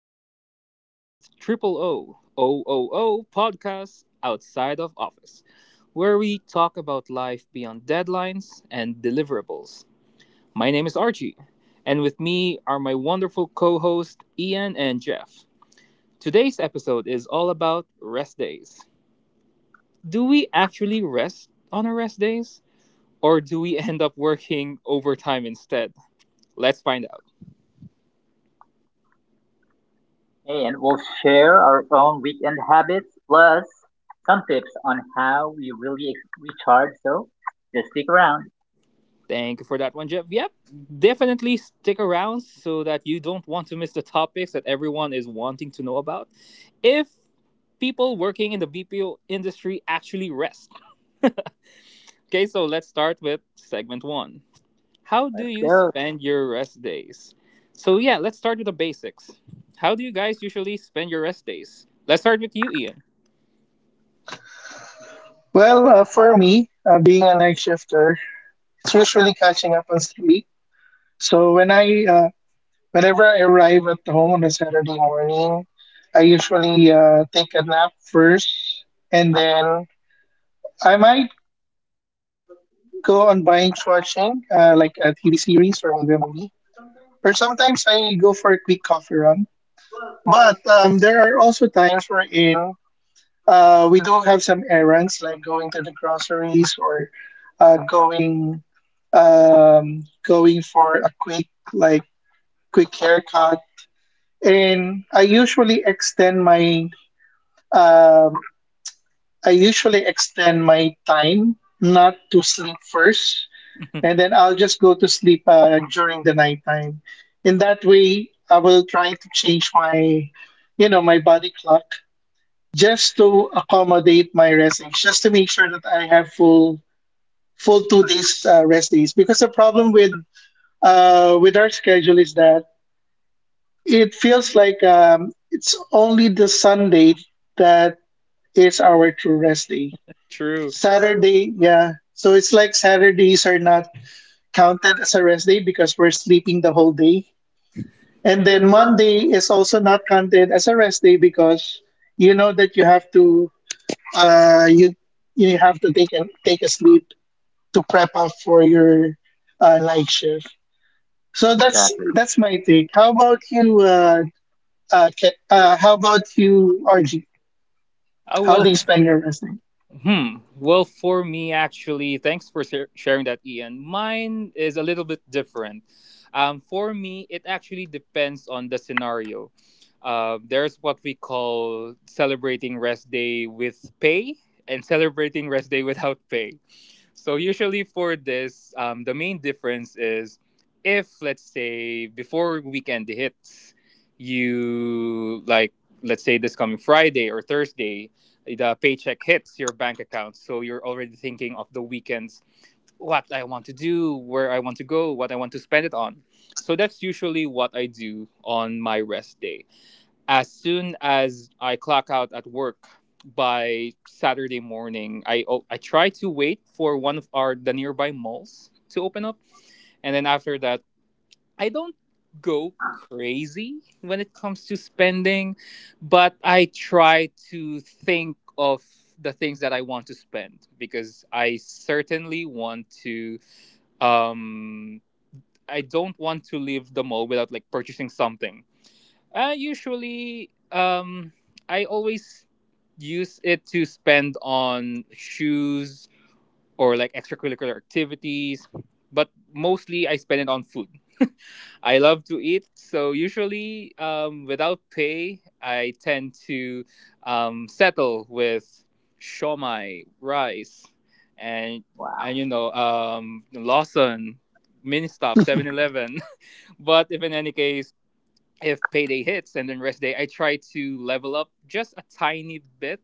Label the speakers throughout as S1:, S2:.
S1: and welcome back to the Triple O O podcast, outside of office, where we talk about life beyond deadlines and deliverables. My name is Archie, and with me are my wonderful co hosts Ian and Jeff. Today's episode is all about rest days. Do we actually rest on our rest days, or do we end up working overtime instead? Let's find out.
S2: And we'll share our own weekend habits plus some tips on how we really recharge. Just stick around.
S1: Thank you for that one, Jeff. Yep, definitely stick around so that you don't want to miss the topics that everyone is wanting to know about. If people working in the BPO industry actually rest. Okay, so let's start with segment one. How do
S2: Let's
S1: you
S2: go.
S1: spend your rest days? So, yeah, let's start with the basics. How do you guys usually spend your rest days? Let's start with you, Ian.
S3: For me, being a night shifter, it's usually catching up on sleep. So whenever I arrive at home on a Saturday morning, I usually take a nap first, and then I might go on binge watching, like a TV series or maybe a movie. Or sometimes I go for a quick coffee run. But there are also times wherein we do have some errands like going to the groceries or uh, going going for a like quick haircut. And um, I usually extend my time not to sleep first, and then I'll just go to sleep during the nighttime. In that way, I will try to change my my body clock just to accommodate my rest days, just to make sure that I have full full 2 days rest days. Because the problem with our schedule is that it feels like it's only the Sunday that is our true rest day.
S1: True.
S3: Saturday, yeah. So it's like Saturdays are not counted as a rest day because we're sleeping the whole day. And then Monday is also not counted as a rest day because you know that you have to uh, you you have to take a sleep to prep up for your night shift. So that's
S2: Exactly.
S3: that's my take. How about you? How about you, RG?
S1: I
S3: How do
S1: will.
S3: you spend your rest day?
S1: Hmm. Well, for me, actually, thanks for sharing that, Ian. Mine is a little bit different. For me, it actually depends on the scenario. There's what we call celebrating rest day with pay and celebrating rest day without pay. So, usually for this, the main difference is if, let's say, before weekend hits, you like, let's say this coming Friday or Thursday, the paycheck hits your bank account, so you're already thinking of the weekends, what I want to do, where I want to go, what I want to spend it on. So that's usually what I do on my rest day. As soon as I clock out at work, by Saturday morning, I try to wait for one of our the nearby malls to open up, and then after that I don't go crazy when it comes to spending, but I try to think of the things that I want to spend because I certainly want to. Um, I don't want to leave the mall without like purchasing something. Uh, usually, um, I always use it to spend on shoes or like extracurricular activities, but mostly I spend it on food. I love to eat, so usually, without pay, I tend to settle with shomai rice, and
S2: Wow.
S1: you know, Lawson, Ministop, 7-Eleven. But if in any case, if payday hits and then rest day, I try to level up just a tiny bit,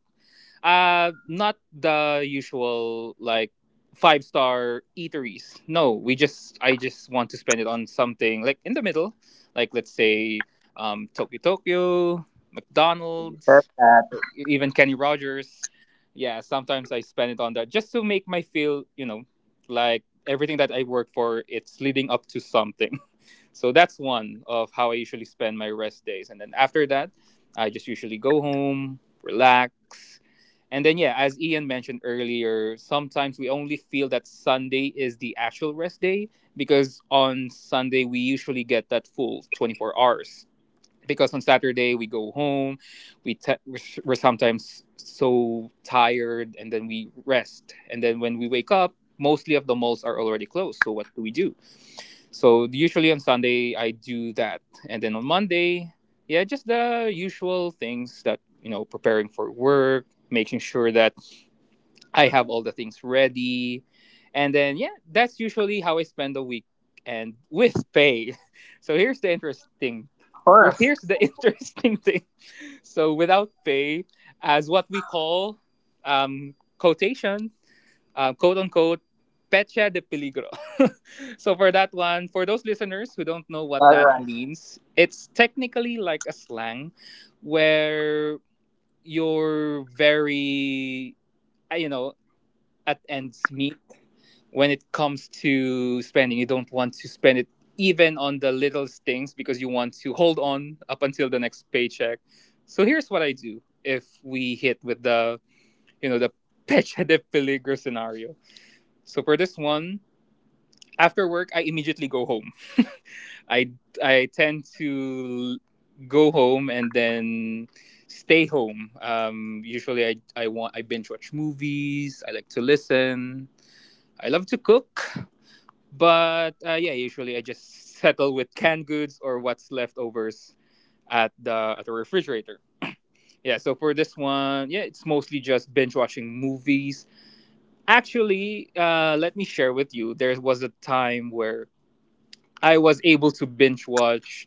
S1: not the usual like five-star eateries. No, we just I just want to spend it on something like in the middle, like let's say Tokyo Tokyo,
S2: It is that,
S1: McDonald's,
S2: of
S1: or even Kenny Rogers. Yeah, sometimes I spend it on that just to make my feel, you know, like everything that I work for, it's leading up to something. So that's one of how I usually spend my rest days. And then after that, I just usually go home, relax, and then, yeah, as Ian mentioned earlier, sometimes we only feel that Sunday is the actual rest day because on Sunday we usually get that full 24 hours, because on Saturday we go home, we te- we're, s- we're sometimes so tired, and then we rest, and then when we wake up, mostly of the malls are already closed. So what do we do? So usually on Sunday I do that, and then on Monday, yeah, just the usual things that you know, preparing for work, making sure that I have all the things ready. And then, yeah, that's usually how I spend the week and with pay. So here's
S2: course.
S1: here's the interesting thing. So without pay, as what we call quotation, quote unquote, pecha de peligro. So for that one, for those listeners who don't know what
S2: All
S1: that
S2: right.
S1: means, it's technically like a slang where you're very, you know, at ends meet when it comes to spending. You don't want to spend it even on the littlest things because you want to hold on up until the next paycheck. So here's what I do if we hit with the you know the pecha de peligro scenario. So for this one, after work I immediately go home. I I tend to go home and then stay home. Usually I want I binge watch movies. I like to listen. I love to cook. But yeah, usually I just settle with canned goods or what's leftovers at the refrigerator. Yeah, so for this one, yeah, it's mostly just binge watching movies. Actually, let me share with you. There was a time where I was able to binge watch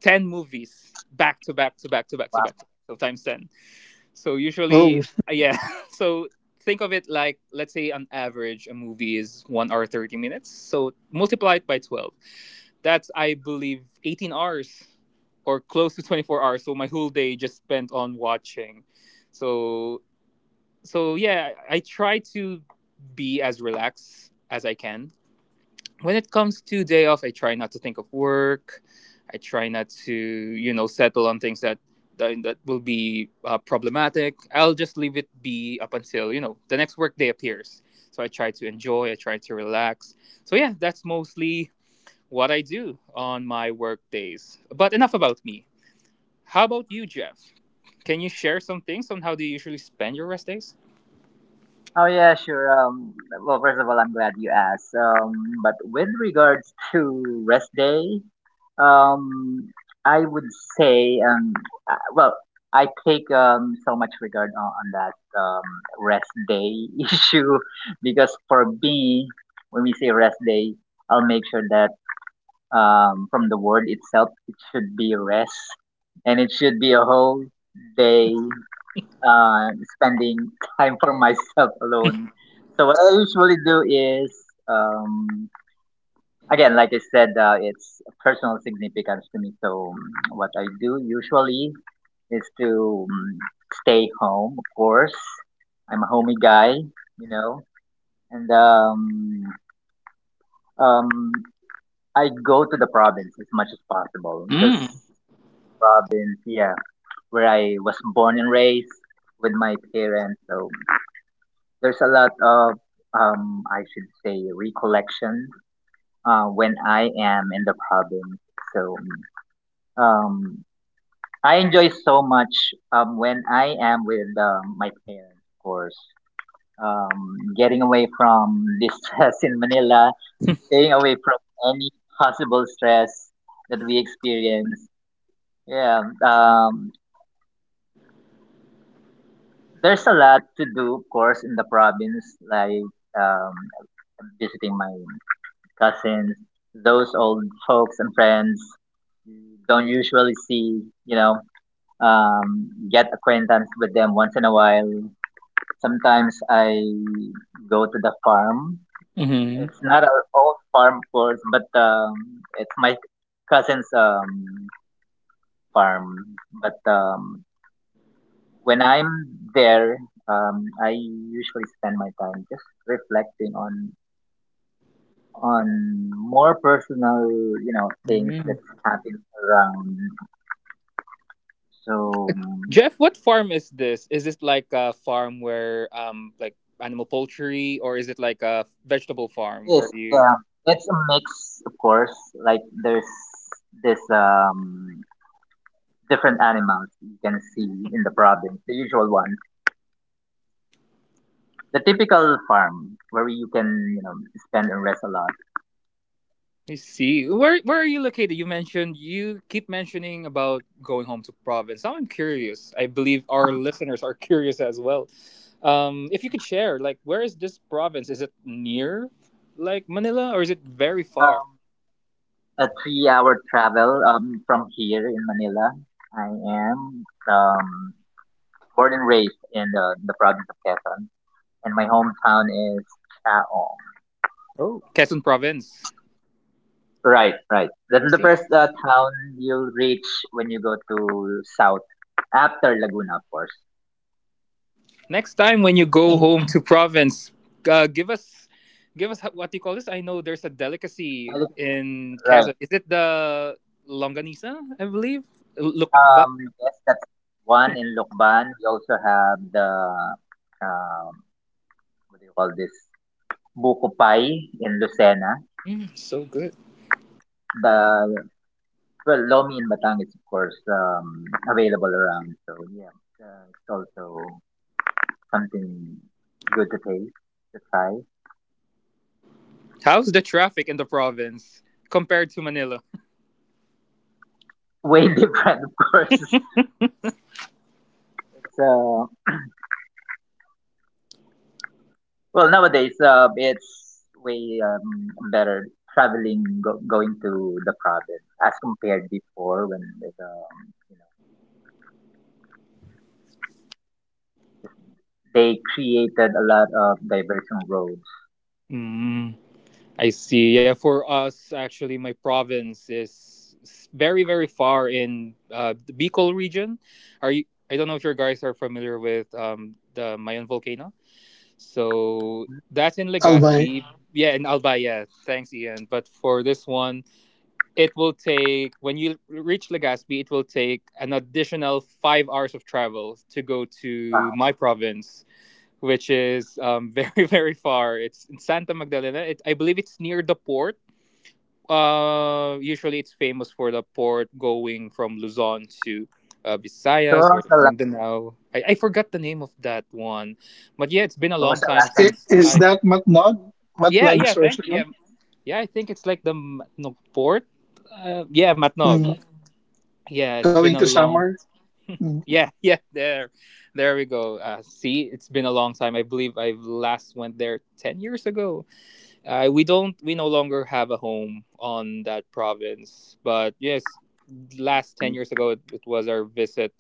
S1: ten movies back to back to back to back to
S2: Wow.
S1: back. So times ten. So usually,
S3: Oh,
S1: yeah. So think of it like, let's say, on average, a movie is 1 hour 30 minutes. So multiply it by 12. That's I believe 18 hours, or close to 24 hours. So my whole day just spent on watching. So yeah, I try to be as relaxed as I can. When it comes to day off, I try not to think of work. I try not to, you know, settle on things that that will be problematic. I'll just leave it be up until you know the next work day appears. So I try to enjoy. I try to relax. So yeah, that's mostly what I do on my work days. But enough about me. How about you, Jeff? Can you share some things on how do you usually spend your rest days?
S2: Oh yeah, sure. Well, first of all, I'm glad you asked. But with regards to rest day, um, I would say, well, I take so much regard on that rest day issue, because for me, when we say rest day, I'll make sure that from the word itself, it should be rest, and it should be a whole day uh, spending time for myself alone. So what I usually do is, um, again, like I said, it's personal significance to me. So what I do usually is to stay home, of course. I'm a homey guy, you know, and um, I go to the province as much as possible because
S1: Mm.
S2: province, yeah, where I was born and raised with my parents. So there's a lot of, I should say, recollection when I am in the province. So um, I enjoy so much when I am with my parents, of course. Getting away from the stress in Manila, staying away from any possible stress that we experience. Yeah, there's a lot to do, of course, in the province, like um, visiting my cousins, those old folks and friends you don't usually see, you know, get acquaintance with them once in a while. Sometimes I go to the farm.
S1: Mm-hmm.
S2: It's not our own farm, of course, but it's my cousin's farm. But when I'm there, I usually spend my time just reflecting on more personal, you know, things that's happening around. So
S1: Jeff, what farm is this? Is this like a farm where like animal poultry, or is it like a vegetable farm
S2: yes,
S1: where
S2: yeah, it's a mix, of course. Like there's this different animals you can see in the province, the usual one, the typical farm where you can you know spend and rest a lot.
S1: you see where are you located? You mentioned you keep mentioning about going home to province. Now I'm curious. I believe our
S2: Um,
S1: listeners are curious as well. If you could share, like, where is this province? Is it near like Manila or is it very far?
S2: um, a three-hour travel from here in Manila. I am born and raised in the province of Quezon. And my hometown is Chaong.
S1: Oh, Quezon province.
S2: Right, right. That's
S1: I
S2: the
S1: see.
S2: first town you'll reach when you go to south after Laguna, of course.
S1: Next time when you go home to province, uh, give us give us what do you call this? I know there's a delicacy in
S2: Right.
S1: Quezon. Is it the longanisa? I believe. Look, but
S2: Um, yes, that's one in Lukban. We also have the um, what do you call this? Buko Pie in Lucena.
S1: mm, so good.
S2: The Well, Lomi in Batang is of course available around. So yeah, it's also something good to taste to try.
S1: How's the traffic in the province compared to Manila?
S2: Way different, of course. It's, well, nowadays it's way better traveling, going to the province as compared before when it, you know, they created a lot of diversion roads.
S1: Mm, I see. Yeah, for us, actually, my province is very, very far in the Bicol region. Are you? I don't know if your guys are familiar with the Mayon volcano. So that's in
S3: Albay.
S1: Legazpi. Yeah, in Alba. Yeah, thanks, Ian. But for this one, it will take when you reach Legazpi, it will take an additional 5 hours of travel to go to
S2: Wow.
S1: my province, which is very very far. It's in Santa Magdalena. It, I believe it's near the port. Usually it's famous for the port going from Luzon to
S2: So when
S1: Visayas or
S2: was the last,
S1: Mindanao. I forgot the name of that one, but yeah, it's been a
S2: when
S1: long
S2: was the
S1: time
S2: last time
S1: since
S3: Is
S1: I
S3: that Matnog?
S1: yeah,
S3: Matnog
S1: yeah,
S3: source
S1: thank you. Yeah,
S3: again?
S1: yeah, I think it's like the Matnog port. Yeah, Matnog.
S3: Mm.
S1: Yeah, it's been
S3: Going
S1: a
S3: to
S1: long.
S3: summer? Mm.
S1: Yeah, yeah, there we go. See, it's been a long time. I believe I last went there 10 years ago. We no longer have a home on that province, but yes,
S2: you
S1: last ten
S2: went
S1: years
S2: to?
S1: ago it was our visit.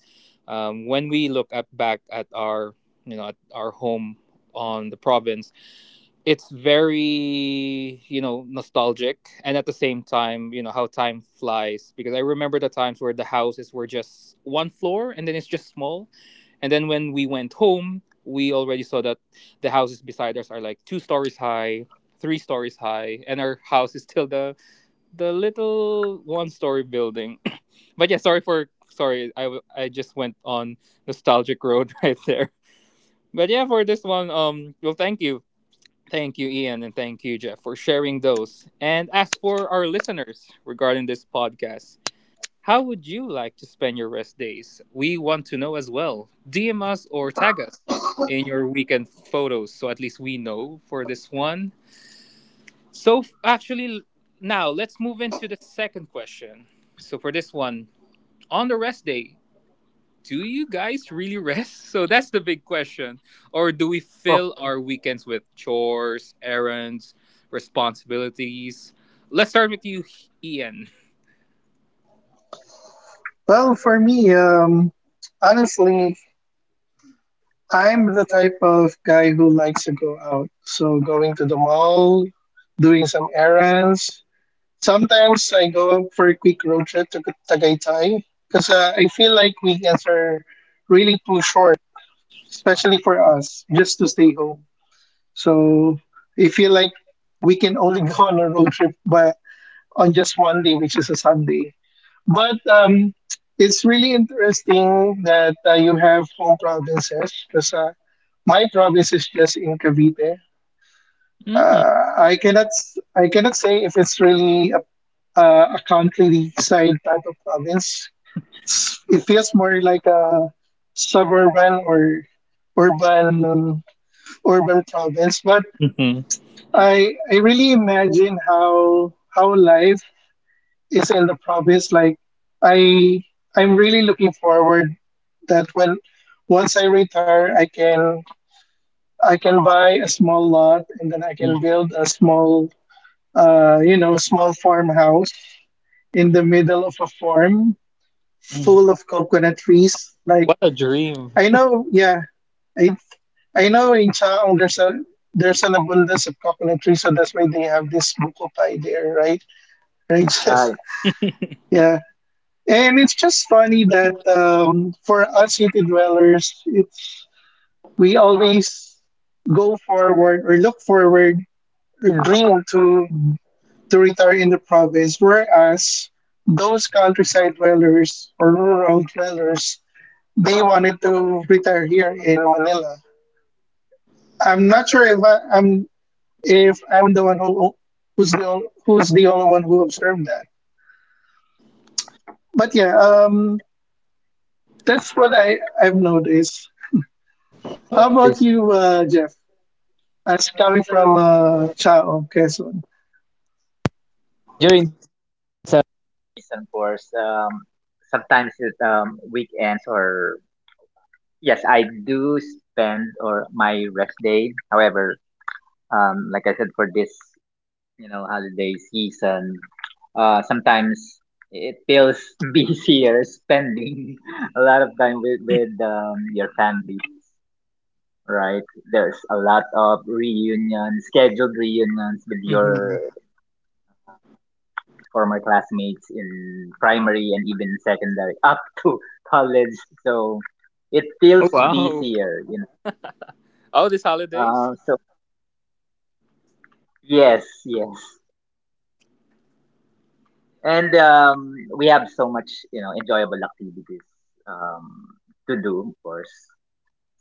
S1: When we look up back at our you know at our home on the province, it's very you know nostalgic, and at the same time you know how time flies because I remember the times where the houses were just one floor and then it's just small, and then when we went home, we already saw that the houses beside us are like two stories high, three stories high, and our house is still the little one story building. But yeah, sorry, I just went on nostalgic road right there. But yeah, for this one, thank you. Thank you, Ian, and thank you, Jeff, for sharing those. And as for our listeners regarding this podcast, how would you like to spend your rest days? We want to know as well. DM us or tag us in your weekend photos so at least we know for this one. So actually, now let's move into the second question. So for this one, on the rest day, do you guys really rest? So that's the big question. Or do we
S2: Oh,
S1: fill our weekends with chores, errands, responsibilities? Let's start with you, Ian.
S3: Well, for me, honestly, I'm the type of guy who likes to go out. So going to the mall, doing some errands. Sometimes I go for a quick road trip to Tagaytay because I feel like weekends are really too short, especially for us, just to stay home. So I feel like we can only go on a road trip but on just one day, which is a Sunday. But it's really interesting that you have home provinces because my province is just in Cavite.
S1: Mm-hmm.
S3: I cannot say if it's really a, a country side type of province. It feels more like a suburban or urban urban province. But I really imagine how life is in the province. I I'm really looking forward that when once I retire I can buy a small lot, and then I can build a small, small farmhouse in the middle of a farm full of coconut trees. Like
S1: What a dream.
S3: I know, yeah, I I know in Chaong there's a there's an abundance of coconut trees, so that's why they have this buko pie there, right? Right, Jeff?
S2: right.
S3: Yeah. And it's just funny that for us city dwellers, it's we always go forward or look forward or dream to retire in the province, whereas those countryside dwellers or rural dwellers, they wanted to retire here in Manila. I'm not sure if I, I'm if I'm the one who's the only one who observed that. But yeah, that's what I've noticed. How about
S1: Yes.
S3: you, Jeff? As coming from Chao, Quezon,
S2: During season course, sometimes it weekends or yes, I do spend or my rest day. However, like I said, for this you know, holiday season, sometimes it feels busier spending a lot of time with your family, right? There's a lot of reunions, scheduled reunions with your
S1: Mhm.
S2: former classmates in primary and even secondary, up to college. So it feels
S1: Oh wow.
S2: busier, you know.
S1: Oh, these
S2: Uh,
S1: holidays?
S2: so yes, yes. And we have so much you know enjoyable activities um, to do, of course.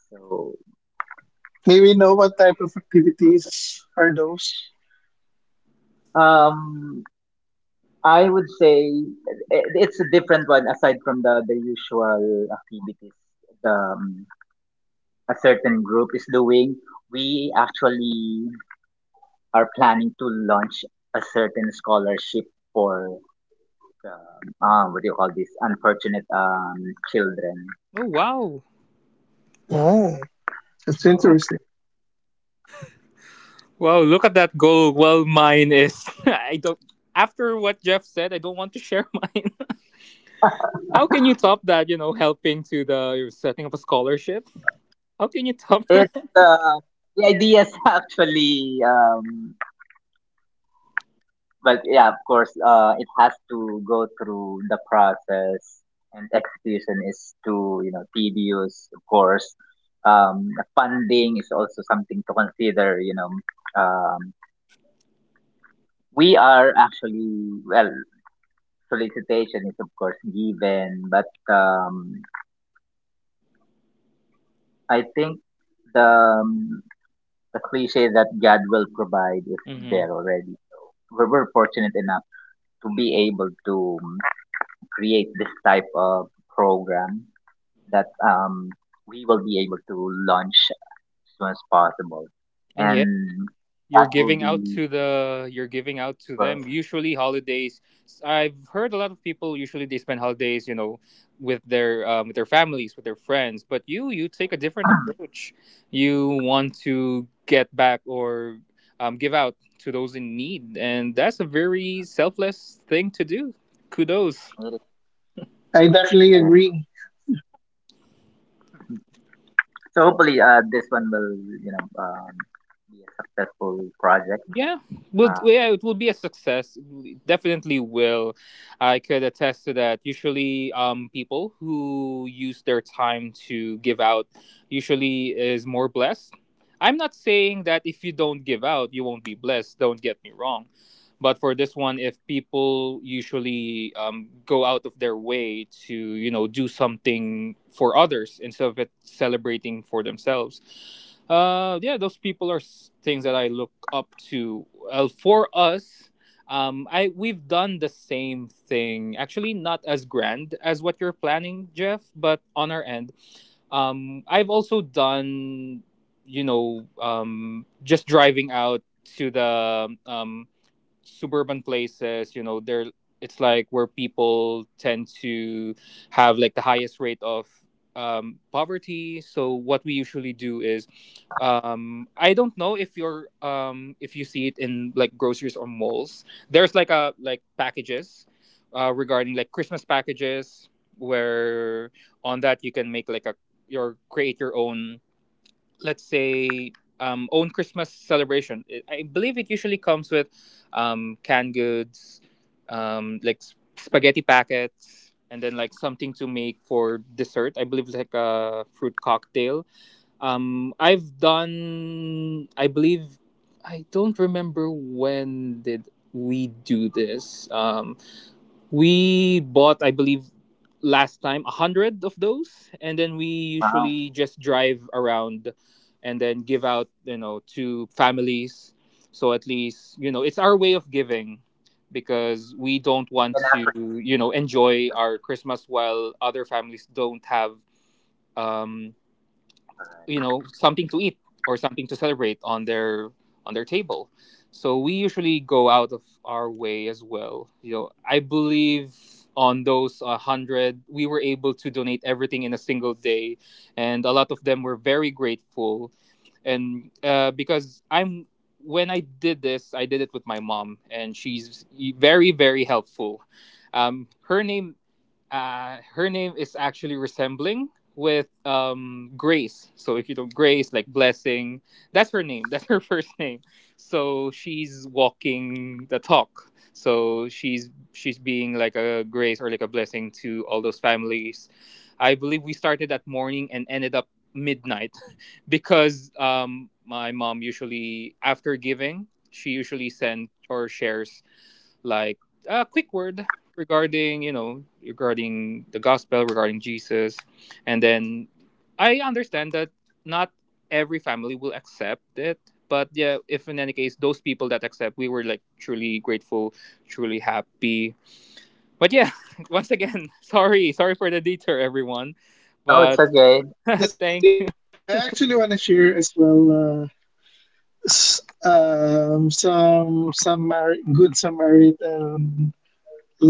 S2: So
S3: may we know what type of activities are those?
S2: um, I would say it's a different one aside from the usual activities the, um, a certain group is doing. We actually are planning to launch a certain scholarship for the, what do you call this, unfortunate children.
S1: Oh wow.
S2: Yes.
S3: Oh, that's
S1: Wow.
S3: interesting.
S1: Wow, look at that goal. Well, mine is. I don't. After what Jeff said, I don't want to share mine. How can you top that? You know, helping to the you're setting up a scholarship. How can you top
S2: It's
S1: that?
S2: the idea is actually, but yeah, of course, it has to go through the process, and execution is too you know tedious, of course. The funding is also something to consider. You know, um, we are actually, well, solicitation is of course given, but I think the um, the cliche that God will provide is
S1: Hmm.
S2: there already. We're fortunate enough to be able to create this type of program that we will be able to launch as soon as possible.
S1: And yeah.
S2: And
S1: You're
S2: that will
S1: giving out
S2: be
S1: to
S2: first.
S1: them usually holidays. I've heard a lot of people usually they spend holidays with their families, with their friends, but you take a different approach. You want to get back, or give out to those in need, and that's a very selfless thing to do. Kudos.
S3: I definitely
S2: Yeah.
S3: agree.
S2: So hopefully, this one will you know be a successful project.
S1: Yeah,
S2: Uh,
S1: it will be a success. It definitely will. I could attest to that. Usually, people who use their time to give out usually is more blessed. I'm not saying that if you don't give out, you won't be blessed. Don't get me wrong, but for this one, if people usually go out of their way to do something for others instead of it celebrating for themselves, yeah, those people are things that I look up to. Well, for us, I we've done the same thing, actually not as grand as what you're planning, Jeff, but on our end, I've also done, just driving out to the suburban places, there. It's like where people tend to have like the highest rate of poverty. So what we usually do is, I don't know if you're if you see it in like groceries or malls, there's like a like packages, regarding like Christmas packages, where on that you can make like a your create your own, let's say, own Christmas celebration. I believe it usually comes with canned goods, like spaghetti packets, and then like something to make for dessert. I believe like a fruit cocktail. I've done. I believe I don't remember when did we do this. We bought, I believe, last time a hundred of those, and then we
S2: wow.
S1: usually just drive around and then give out, you know, to families. So at least, you know, it's our way of giving, because we don't want
S2: And after,
S1: to, you know, enjoy our Christmas while other families don't have um you know something to eat, or something to celebrate on their, on their table. So we usually go out of our way as well, you know. I believe on those 100 we were able to donate everything in a single day, and a lot of them were very grateful. And because I'm when I did this, I did it with my mom, and she's very, very helpful. um, her name her name is actually resembling with Grace. So if you don't Grace, like blessing, that's her name. That's her first name. So she's walking the talk. So she's being like a grace or like a blessing to all those families. I believe we started at morning and ended up midnight, because my mom usually after giving, she usually sends or shares like a quick word regarding, you know, regarding the gospel, regarding Jesus. And then I understand that not every family will accept it, but yeah, if in any case, those people that accept, we were like truly grateful, truly happy. But yeah, once again, sorry for the detour, everyone.
S2: oh, it's
S1: But
S2: okay.
S1: thank
S3: I actually want to share as well some good Samaritan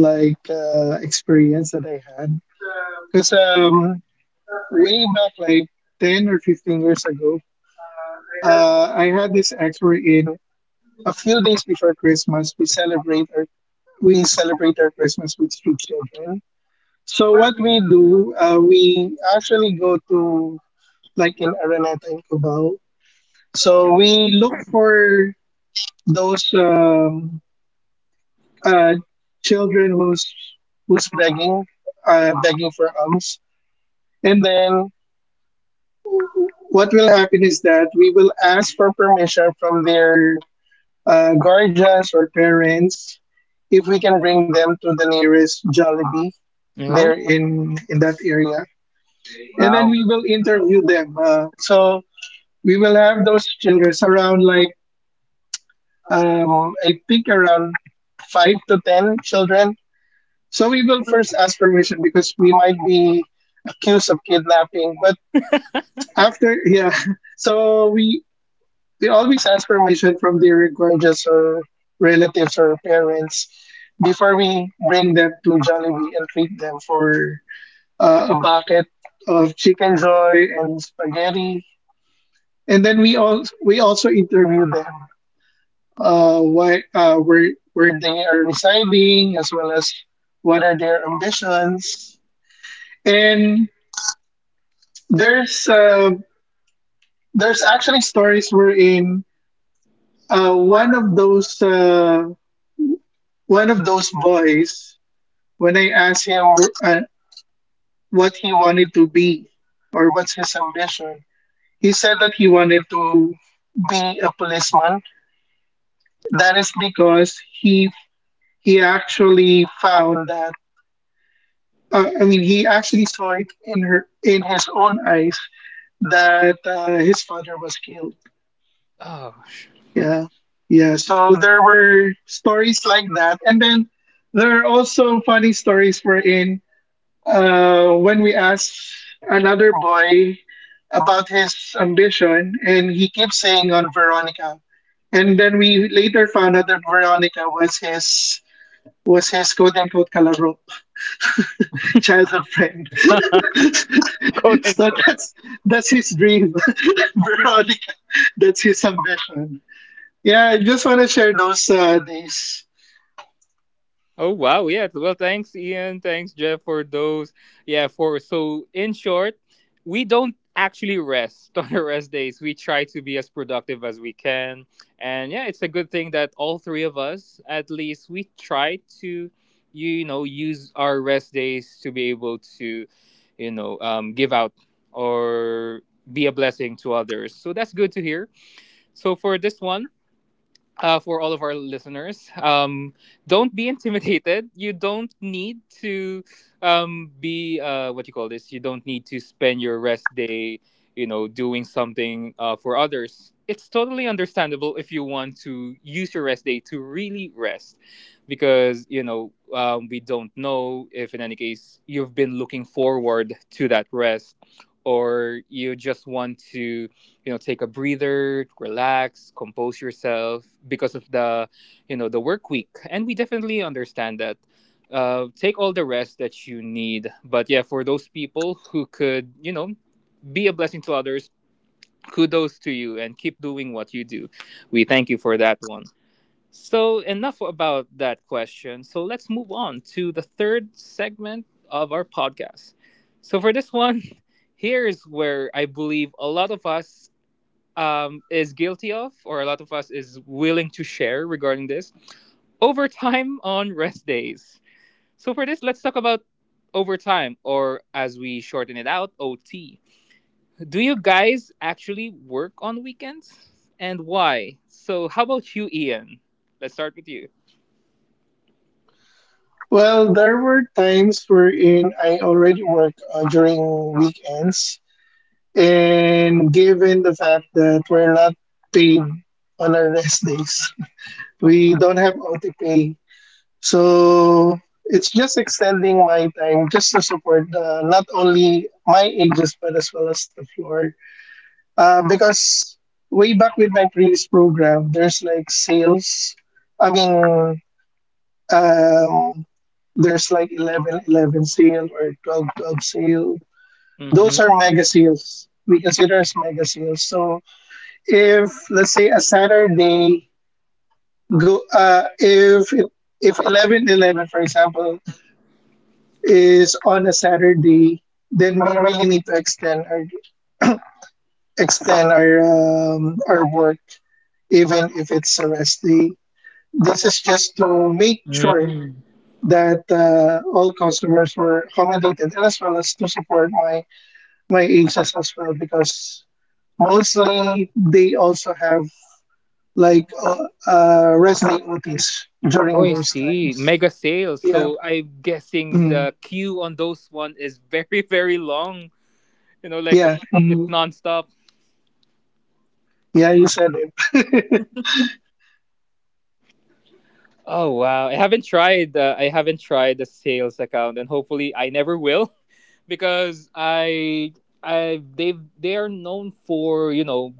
S3: experience that I had because way back like 10 or 15 years ago, I had this ex in a few days before Christmas. We celebrate our Christmas with street children. So what we do, we actually go to like in Araneta in Cubao. So we look for those uh, children who's begging for alms, and then what will happen is that we will ask for permission from their guardians or parents if we can bring them to the nearest Jollibee
S1: you. No.
S3: there in that area, and then
S2: Wow.
S3: we will interview them. So we will have those children around like I think around 5 to 10 children. So we will first ask permission because we might be accused of kidnapping. But after, yeah. So we always ask permission from the gorgeous or relatives or parents before we bring them to Jollibee and treat them for a bucket of chicken joy and spaghetti. And then we also interview them why where they are residing, as well as what are their ambitions. And There's There's actually stories wherein uh, one of those uh, one of those boys, when I asked him uh, what he wanted to be or what's his ambition, he said that he wanted to be a policeman. That is because he actually found that I mean, he actually saw it in her in his own eyes that his father was killed.
S1: Oh, sh-.
S3: Yeah, yeah. So there were stories like that, and then there are also funny stories wherein when we asked another boy about his ambition, and he keeps saying on Veronica, and then we later found out that Veronica was his quote unquote kalaro, childhood friend.
S1: Quote
S3: So
S1: unquote.
S3: that's his dream, Veronica. That's his ambition. Yeah, I just want to share those days.
S1: Oh wow, yeah. Well, thanks, Ian. Thanks, Jeff, for those. Yeah, for so in short, we don't actually rest on our rest days. We try to be as productive as we can, and yeah, it's a good thing that all three of us, at least, we try to, you know, use our rest days to be able to, you know, give out, or be a blessing to others. So that's good to hear. So for this one, for all of our listeners. Don't be intimidated. You don't need to be what you call this. You don't need to spend your rest day, you know, doing something for others. It's totally understandable if you want to use your rest day to really rest, because you know we don't know if, in any case, you've been looking forward to that rest, or you just want to, you know, take a breather, relax, compose yourself because of the, you know, the work week. And we definitely understand that. Take all the rest that you need, but yeah, for those people who could, you know, be a blessing to others, kudos to you, and keep doing what you do. We thank you for that one. So enough about that question. So let's move on to the third segment of our podcast. So for this one, here's where I believe a lot of us is guilty of, or a lot of us is willing to share regarding this: overtime on rest days. So for this, let's talk about overtime, or as we shorten it out, OT. Do you guys actually work on weekends, and why? So how about you, Ian? Let's start with you.
S3: Well, there were times wherein I already work during weekends, and given the fact that we're not paid on our rest days, we don't have OT pay. So it's just extending my time just to support the, not only my ages but as well as the floor. Because way back with my previous program, there's like sales. I mean, um, There's like 11, 11 sale or 12, 12 sale. Those
S1: Mm-hmm.
S3: are mega sales. We consider as mega sales. So if let's say a Saturday go if it, if 11, 11, for example, is on a Saturday, then we really need to extend our work even if it's a rest day. This is just to make sure
S1: Mm.
S3: that all customers were accommodated, and as well as to support my ancients as well because mostly they also have like resident Otis
S1: Oh,
S3: during
S1: I
S3: those
S1: see.
S3: times.
S1: Mega sales.
S3: Yeah.
S1: So I'm guessing
S3: Mm.
S1: the queue on those one is very, very long. You know, like
S3: Yeah.
S1: it's
S3: Mm.
S1: nonstop.
S3: Yeah, you said it.
S1: Oh wow, I haven't tried. I haven't tried the sales account, and hopefully, I never will, because I they are known for, you know,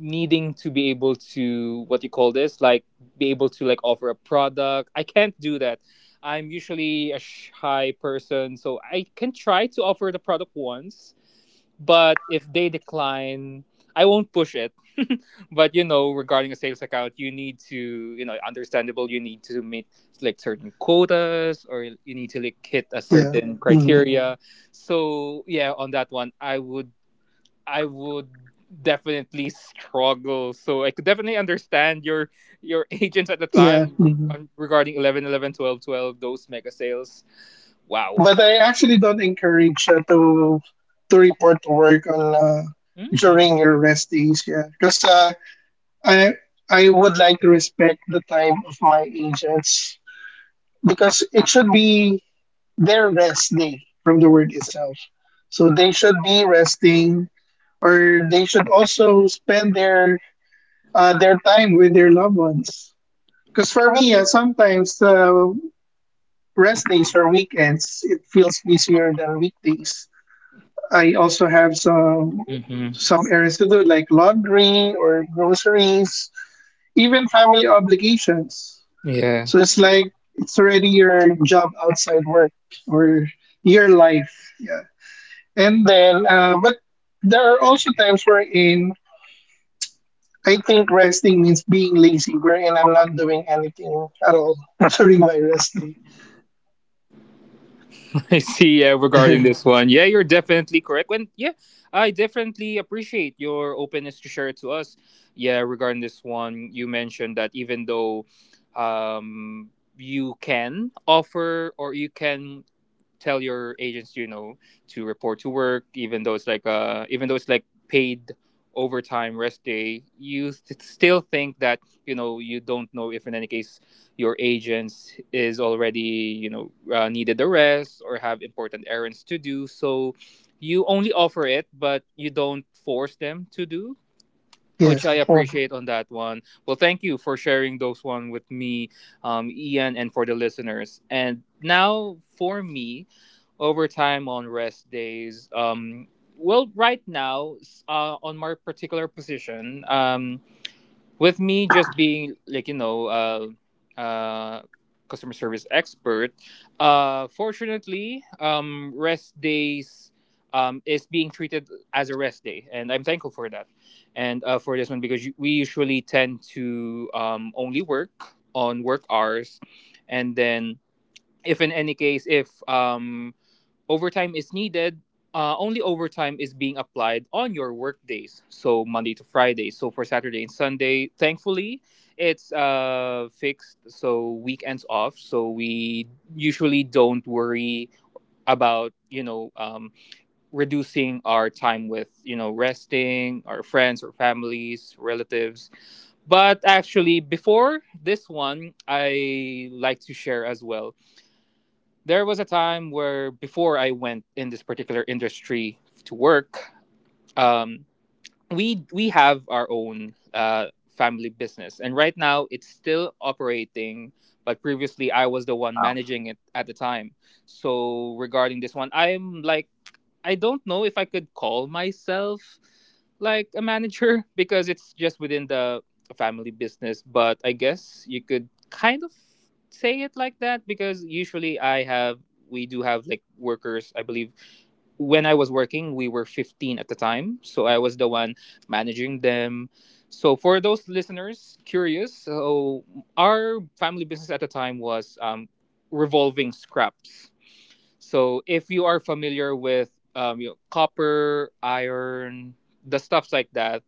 S1: needing to be able to what you call this, like be able to like offer a product. I can't do that. I'm usually a shy person, so I can try to offer the product once, but if they decline, I won't push it. But you know, regarding a sales account, you need to, you know, understandable, you need to meet like certain quotas, or you need to like hit a
S3: Yeah.
S1: certain
S3: Mm.
S1: criteria. So yeah, on that one, I would definitely struggle. So I could definitely understand your agents at the
S3: Yeah.
S1: time, if,
S3: Mm.
S1: regarding 11, 11, 12, 12, those mega sales. Wow.
S3: But I actually don't encourage to report to work on during your rest days. Yeah, because I I would like to respect the time of my agents because it should be their rest day from the word itself. So they should be resting, or they should also spend their time with their loved ones. Because for me, sometimes rest days or weekends, it feels busier than weekdays. I also have
S1: Mm-hmm.
S3: some errands to do, like laundry or groceries, even family obligations.
S1: Yeah,
S3: So it's like it's already your job outside work or your life. Yeah. And then, but there are also times wherein I think resting means being lazy, wherein I'm not doing anything at all during my resting.
S1: I see. Yeah, regarding this one, yeah, you're definitely correct. I definitely appreciate your openness to share it to us. Yeah, regarding this one, you mentioned that even though, um, you can offer, or you can tell your agents, you know, to report to work, even though it's like paid overtime rest day, you still think that, you know, you don't know if in any case your agents is already, you know, needed the rest or have important errands to do, so you only offer it, but you don't force them to do, which
S3: Yes,
S1: I
S3: oh,
S1: appreciate on that one. Well, thank you for sharing those one with me, Ian, and for the listeners. And now for me, overtime on rest days. Well, right now, on my particular position, with me just being like, you know, customer service expert, fortunately, rest days is being treated as a rest day, and I'm thankful for that. And for this one, because we usually tend to only work on work hours. And then if in any case, if overtime is needed, only overtime is being applied on your work days, so Monday to Friday. So for Saturday and Sunday, thankfully, it's fixed. So weekends off. So we usually don't worry about, you know, reducing our time with, you know, resting, our friends or families, relatives. But actually, before this one, I like to share as well, there was a time where before I went in this particular industry to work, um, we we have our own family business, and right now it's still operating. But previously, I was the one
S2: Wow.
S1: managing it at the time. So regarding this one, I'm like, I don't know if I could call myself like a manager because it's just within the family business, but I guess you could kind of say it like that, because usually I have we do have like workers. I believe when I was working, we were 15 at the time, so I was the one managing them. So for those listeners curious, so our family business at the time was revolving scraps. So if you are familiar with, you know, copper, iron, the stuff like that,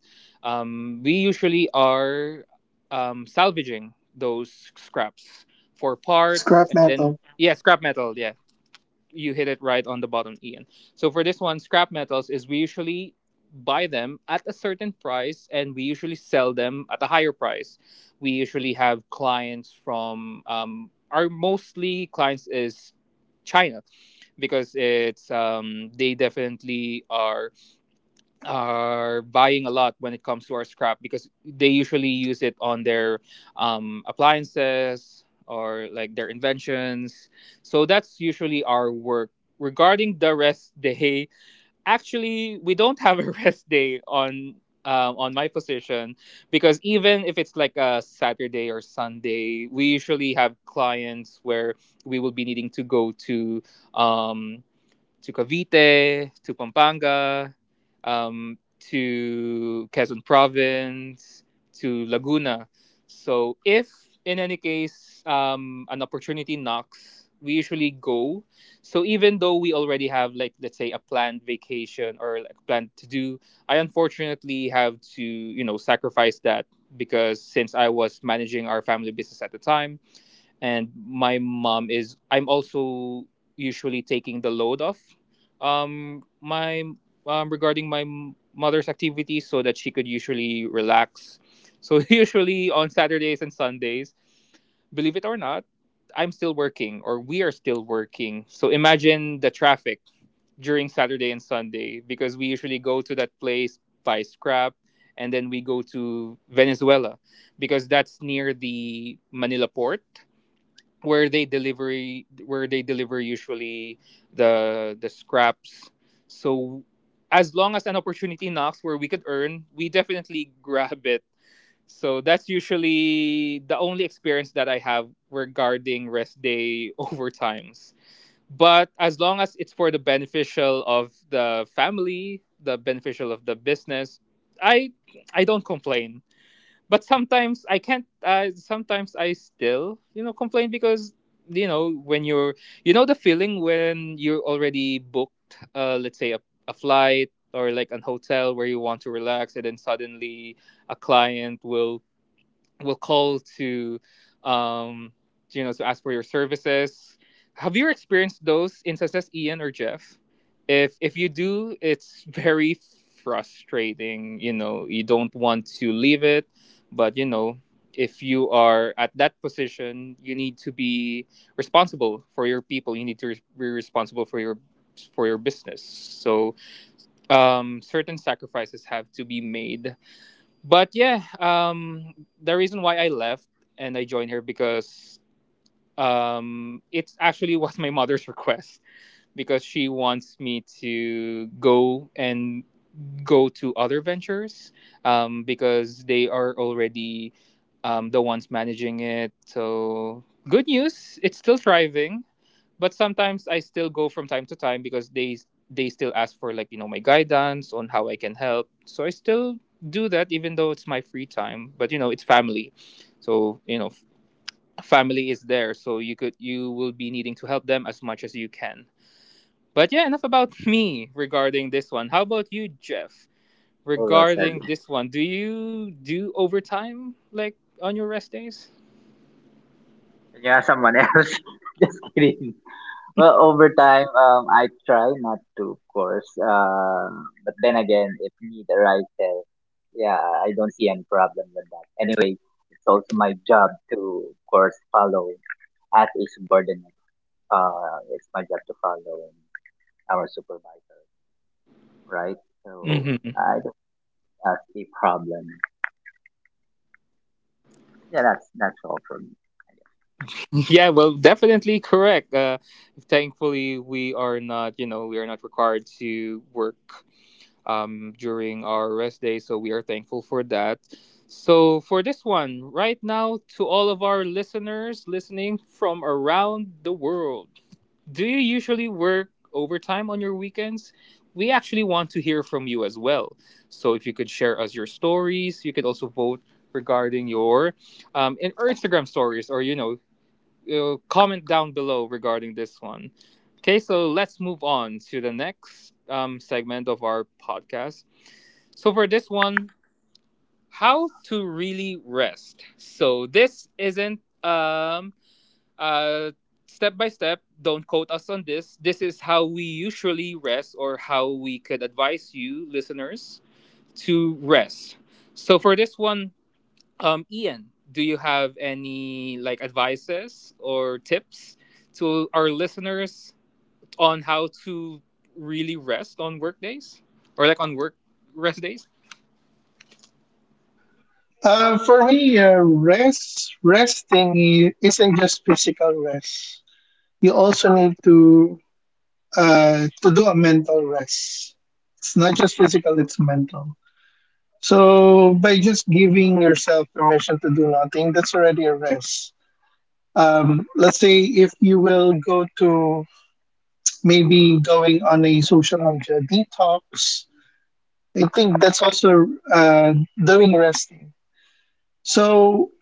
S1: we usually are salvaging those scraps for parts.
S3: scrap
S1: And then
S3: metal.
S1: yeah, scrap metal, yeah, you hit it right on the bottom, Ian. So for this one, scrap metals is we usually buy them at a certain price, and we usually sell them at a higher price. We usually have clients from, our mostly clients is China, because it's, they definitely are buying a lot when it comes to our scrap, because they usually use it on their appliances or like their inventions. So that's usually our work. Regarding the rest day, actually, we don't have a rest day on my position, because even if it's like a Saturday or Sunday, we usually have clients where we will be needing to go to, um, to Cavite, to Pampanga, um, to Quezon Province, to Laguna. So if in any case an opportunity knocks, we usually go. So even though we already have, like, let's say a planned vacation or like planned to do, I unfortunately have to, you know, sacrifice that because since I was managing our family business at the time, and my mom is I'm also usually taking the load off my regarding my mother's activities so that she could usually relax. So usually on Saturdays and Sundays, believe it or not, I'm still working, or we are still working. So imagine the traffic during Saturday and Sunday, because we usually go to that place, buy scrap, and then we go to Venezuela because that's near the Manila port where they deliver usually the scraps. So as long as an opportunity knocks where we could earn, we definitely grab it. So that's usually the only experience that I have regarding rest day overtimes. But as long as it's for the beneficial of the family, the beneficial of the business, i I don't complain. But sometimes I can't. Sometimes I still, you know, complain because you know when you're, you know, the feeling when you're already booked. Let's say a flight or like an hotel where you want to relax, and then suddenly a client will call to, um you know, to ask for your services. Have you experienced those instances, Ian or Jeff? If you do, it's very frustrating. You know, you don't want to leave it, but you know, if you are at that position, you need to be responsible for your people. You need to be responsible for your, for your business. So certain sacrifices have to be made. But yeah, the reason why I left and I joined her because, it actually was my mother's request, because she wants me to go and go to other ventures, because they are already, the ones managing it. So good news, it's still thriving, but sometimes I still go from time to time because they still ask for, like, you know, my guidance on how I can help. So I still do that even though it's my free time. But you know, it's family, so you know, family is there. So you will be needing to help them as much as you can. But yeah, enough about me regarding this one. How about you, Jeff?
S2: Who else said?
S1: Regarding this one, do you do overtime like on your rest days?
S2: Can you ask someone else? Just kidding. Well, over time, I try not to, of course. But then again, if need arises, yeah, I don't see any problem with that. Anyway, it's also my job to, of course, follow as a subordinate. It's my job to follow our supervisor, right? So I don't have a problem. Yeah, that's all for me.
S1: Yeah, well, definitely correct. Thankfully, we are not, you know, we are not required to work during our rest day, so we are thankful for that. So, for this one, right now, to all of our listeners listening from around the world, do you usually work overtime on your weekends? We actually want to hear from you as well. So, if you could share us your stories, you could also vote regarding your, in our Instagram stories, or you know, comment down below regarding this one. Okay, so let's move on to the next segment of our podcast. So for this one, how to really rest. So this isn't uh step by step. Don't quote us on this. This is how we usually rest or how we could advise you listeners to rest. So for this one, Ian, do you have any, like, advices or tips to our listeners on how to really rest on work days or like on work rest days?
S3: For me, resting isn't just physical rest. You also need to do a mental rest. It's not just physical; it's mental. So by just giving yourself permission to do nothing, that's already a rest. Let's say if you will go to maybe going on a social media detox, I think that's also uh, during resting. So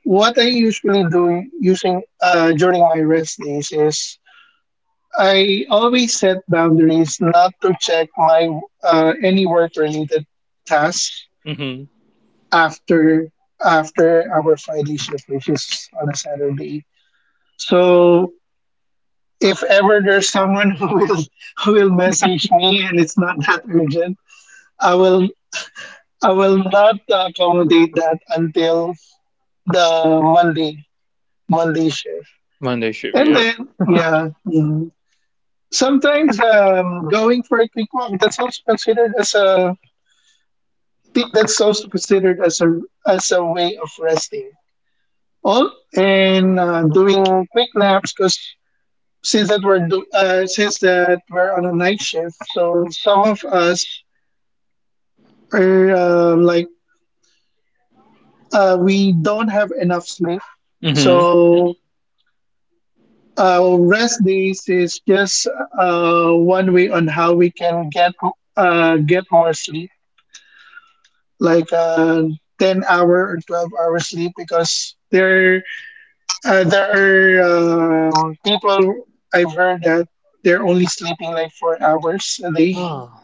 S3: what I usually do using during my rest days is I always set boundaries not to check my any work related tasks
S1: Mm-hmm.
S3: after after our Friday shift, which is on a Saturday. So if ever there's someone who will message me and it's not that urgent, I will I will not accommodate that until the Monday Monday shift.
S1: Monday shift,
S3: And
S1: yeah.
S3: then yeah, mhm. Sometimes going for a quick walk, that's also considered as a that's also considered as a way of resting. All and doing quick naps because since that we're on a night shift, so some of us or like we don't have enough sleep.
S1: Mm-hmm.
S3: So rest days is just one way on how we can get more sleep, like 10 hour or 12 hour sleep, because there are people I've heard that they're only sleeping like 4 hours a day.
S1: Oh,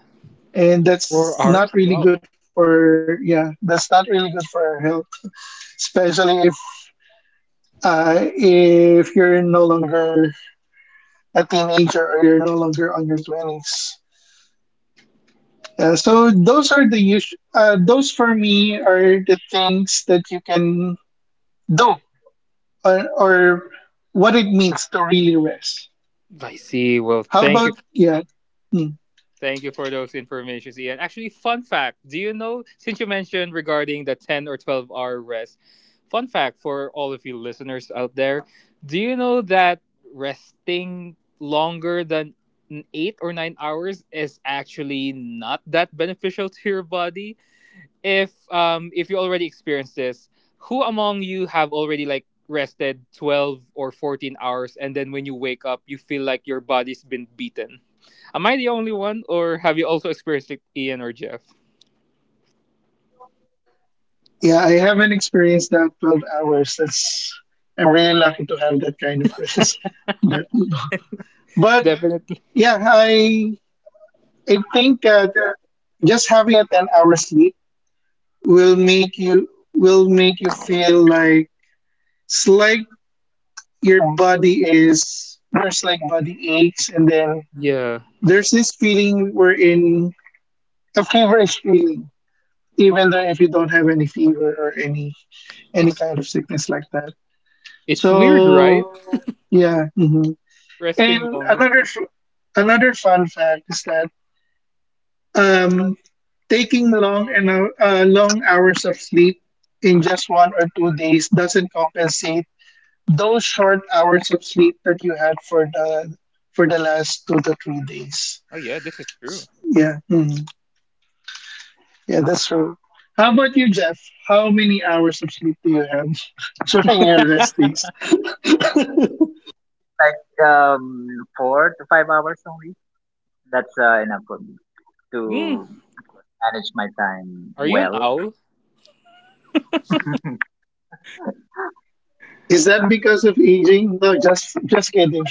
S3: And that's
S1: four
S3: not
S1: hours.
S3: really
S1: Wow.
S3: good for yeah. That's not really good for our health, especially if you're no longer a teenager or you're no longer on your 20s. Yeah, so those are the usual, those for me are the things that you can do or what it means to really rest.
S1: I see. Well,
S3: How
S1: thank you.
S3: about, yeah, hmm,
S1: Thank you for those informations, Ian. Actually, fun fact, do you know, since you mentioned regarding the 10 or 12-hour rest, fun fact for all of you listeners out there, do you know that resting longer than 8 or 9 hours is actually not that beneficial to your body? If you already experienced this, who among you have already, like, rested 12 or 14 hours and then when you wake up you feel like your body's been beaten? Am I the only one, or have you also experienced it, Ian or Jeff?
S3: Yeah, I haven't experienced that 12 hours. That's, I'm really lucky to have that kind of rest. But but
S1: Definitely.
S3: yeah, I think that just having a 10-hour sleep will make you will make you feel like it's like your body is there's like body aches, and then
S1: Yeah.
S3: there's this feeling wherein a feverish feeling even though if you don't have any fever or any
S1: It's
S3: kind of sickness like that.
S1: it's
S3: So
S1: weird, right?
S3: yeah, mhm. and
S1: Resting longer.
S3: another f- Another fun fact is that um taking long hours of sleep in just 1 or 2 days doesn't compensate those short hours of sleep that you had for the last 2 to 3 days.
S1: Oh yeah, this is true.
S3: Yeah, mm, yeah, that's true. How about you, Jeff? How many hours of sleep do you have during your rest days?
S2: Like 4 to 5 hours a week. That's enough for me
S1: Mm,
S2: to manage my time
S1: are you an
S2: well.
S1: owl?
S3: Is that because of aging? No, just kidding.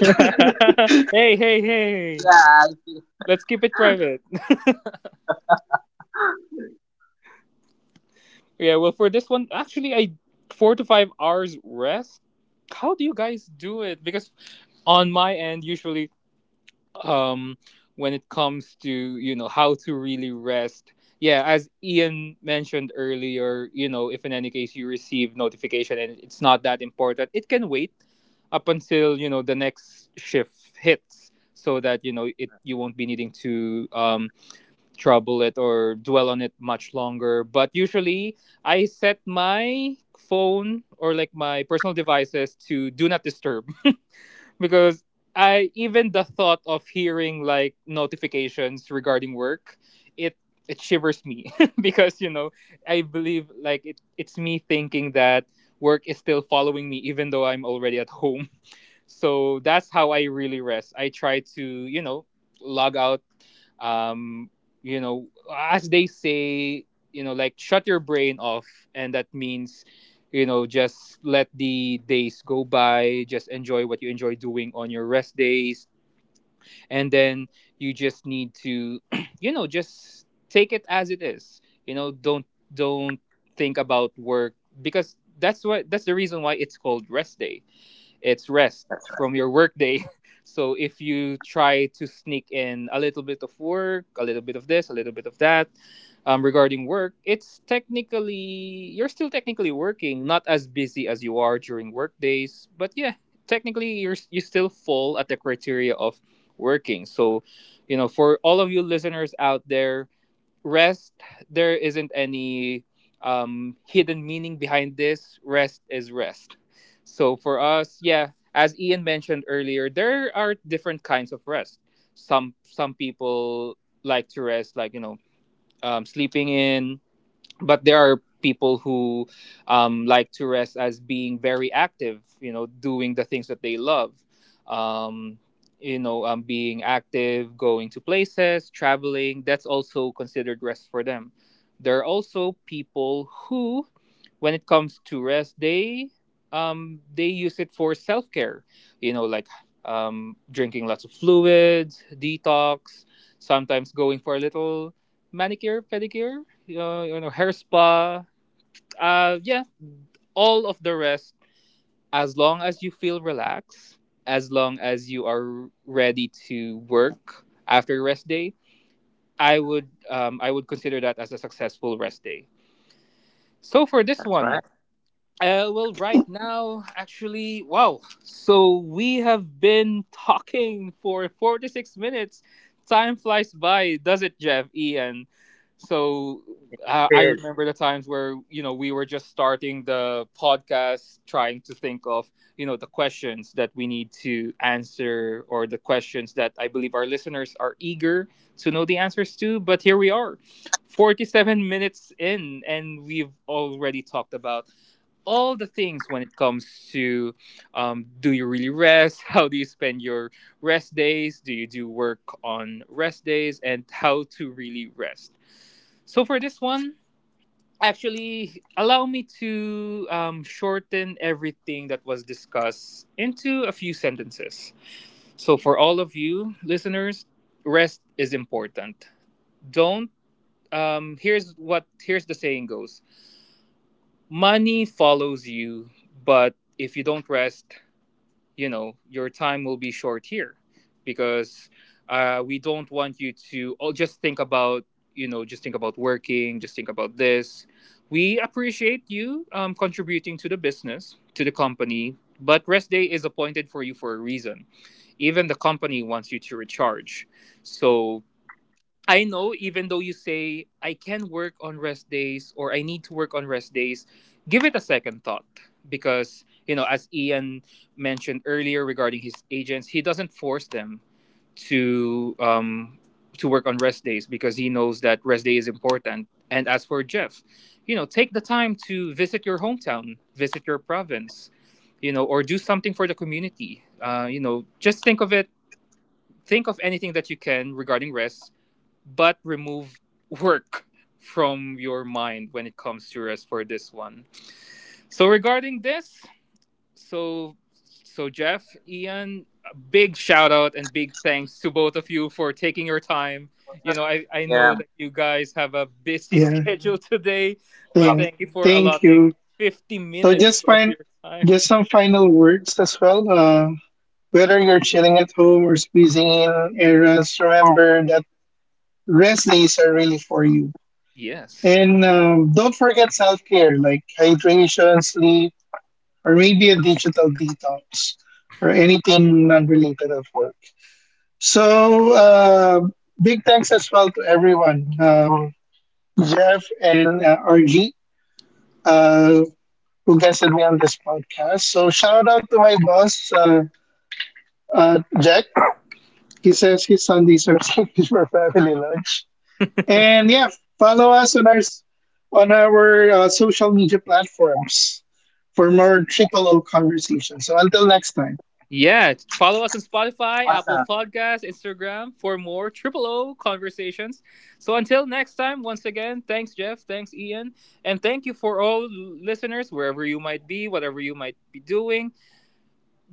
S1: Hey, hey, hey.
S2: Yeah, I see.
S1: Let's keep it private. Yeah, well, for this one, actually, I 4 to 5 hours rest. How do you guys do it? Because on my end, usually, um when it comes to, you know, how to really rest, yeah, as Ian mentioned earlier, you know, if in any case you receive notification and it's not that important, it can wait up until, you know, the next shift hits, so that, you know, it you won't be needing to trouble it or dwell on it much longer. But usually I set my phone or like my personal devices to do not disturb, because I even the thought of hearing like notifications regarding work, it it shivers me because, you know, I believe like it's me thinking that work is still following me even though I'm already at home. So that's how I really rest. I try to, you know, log out. Um, you know, as they say, you know, like shut your brain off, and that means, you know, just let the days go by. Just enjoy what you enjoy doing on your rest days, and then you just need to, you know, just take it as it is. You know, don't think about work, because that's the reason why it's called rest day. It's rest
S2: That's right.
S1: from your workday. So if you try to sneak in a little bit of work, a little bit of this, a little bit of that, regarding work, it's technically you're still technically working, not as busy as you are during work days, but yeah, technically you're, you still fall at the criteria of working. So, you know, for all of you listeners out there, rest, there isn't any hidden meaning behind this. Rest is rest. So for us, yeah, as Ian mentioned earlier, there are different kinds of rest. Some people like to rest, like, you know, sleeping in. But there are people who, like to rest as being very active, you know, doing the things that they love, um, being active, going to places, traveling. That's also considered rest for them. There are also people who, when it comes to rest, they, they use it for self-care, you know, like, drinking lots of fluids, detox, sometimes going for a little manicure, pedicure, you know, hair spa. Yeah, all of the rest. As long as you feel relaxed, as long as you are ready to work after your rest day, I would, I would consider that as a successful rest day. So for this
S2: That's right.
S1: one, uh, well, right now, actually, wow. So we have been talking for 46 minutes. Time flies by, does it, Jeff, Ian? So
S2: It
S1: I
S2: is.
S1: remember the times where, you know, we were just starting the podcast, trying to think of, you know, the questions that we need to answer, or the questions that I believe our listeners are eager to know the answers to. But here we are, 47 minutes in, and we've already talked about all the things when it comes to, do you really rest, how do you spend your rest days, do you do work on rest days, and how to really rest. So for this one, actually, allow me to, shorten everything that was discussed into a few sentences. So for all of you listeners, rest is important. Don't, here's the saying goes: money follows you, but if you don't rest, you know, your time will be short here, because, we don't want you to, oh, just think about, you know, just think about working, just think about this. We appreciate you contributing to the business, to the company, but rest day is appointed for you for a reason. Even the company wants you to recharge. So I know, even though you say I can work on rest days or I need to work on rest days, give it a second thought, because, you know, as Ian mentioned earlier regarding his agents, he doesn't force them to, to work on rest days, because he knows that rest day is important. And as for Jeff, you know, take the time to visit your hometown, visit your province, you know, or do something for the community. You know, just think of it. Think of anything that you can regarding rest, but remove work from your mind when it comes to rest for this one. So regarding this, so so Jeff, Ian, a big shout out and big thanks to both of you for taking your time. You know, I
S2: Yeah,
S1: know that you guys have a busy
S3: Yeah,
S1: schedule today,
S2: no
S1: but
S2: problem.
S3: thank
S1: thank you for
S3: thank
S1: allotting
S3: you.
S1: 50
S3: So
S1: minutes
S3: just
S1: of
S3: find
S1: your time.
S3: just some final words as well. Whether you're chilling at home or squeezing in errands, remember that rest days are really for you.
S1: Yes.
S3: And don't forget self care like hydration, sleep, or maybe a digital detox or anything non related of work. So, big thanks as well to everyone, Jeff and RG, uh, who guested me on this podcast. So, shout out to my boss, Jack. He says his Sundays are saved for family lunch. And yeah, follow us on our social media platforms for more triple O conversations. So until next time,
S1: Yeah, follow us on Spotify, Apple
S2: Awesome.
S1: Podcasts, Instagram for more Triple O conversations. So until next time, once again, thanks Jeff, thanks Ian, and thank you for all listeners wherever you might be, whatever you might be doing.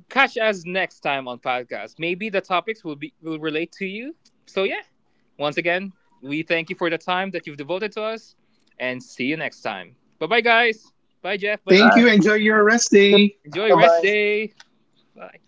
S1: Catch us next time on podcast. Maybe the topics will relate to you. So yeah, once again, we thank you for the time that you've devoted to us, and see you next time. Bye bye guys. Bye Jeff. Bye Ian.
S3: thank
S2: All
S3: you.
S2: right.
S3: Enjoy your rest day.
S1: Enjoy
S3: Bye
S1: rest
S3: bye.
S1: day. Bye.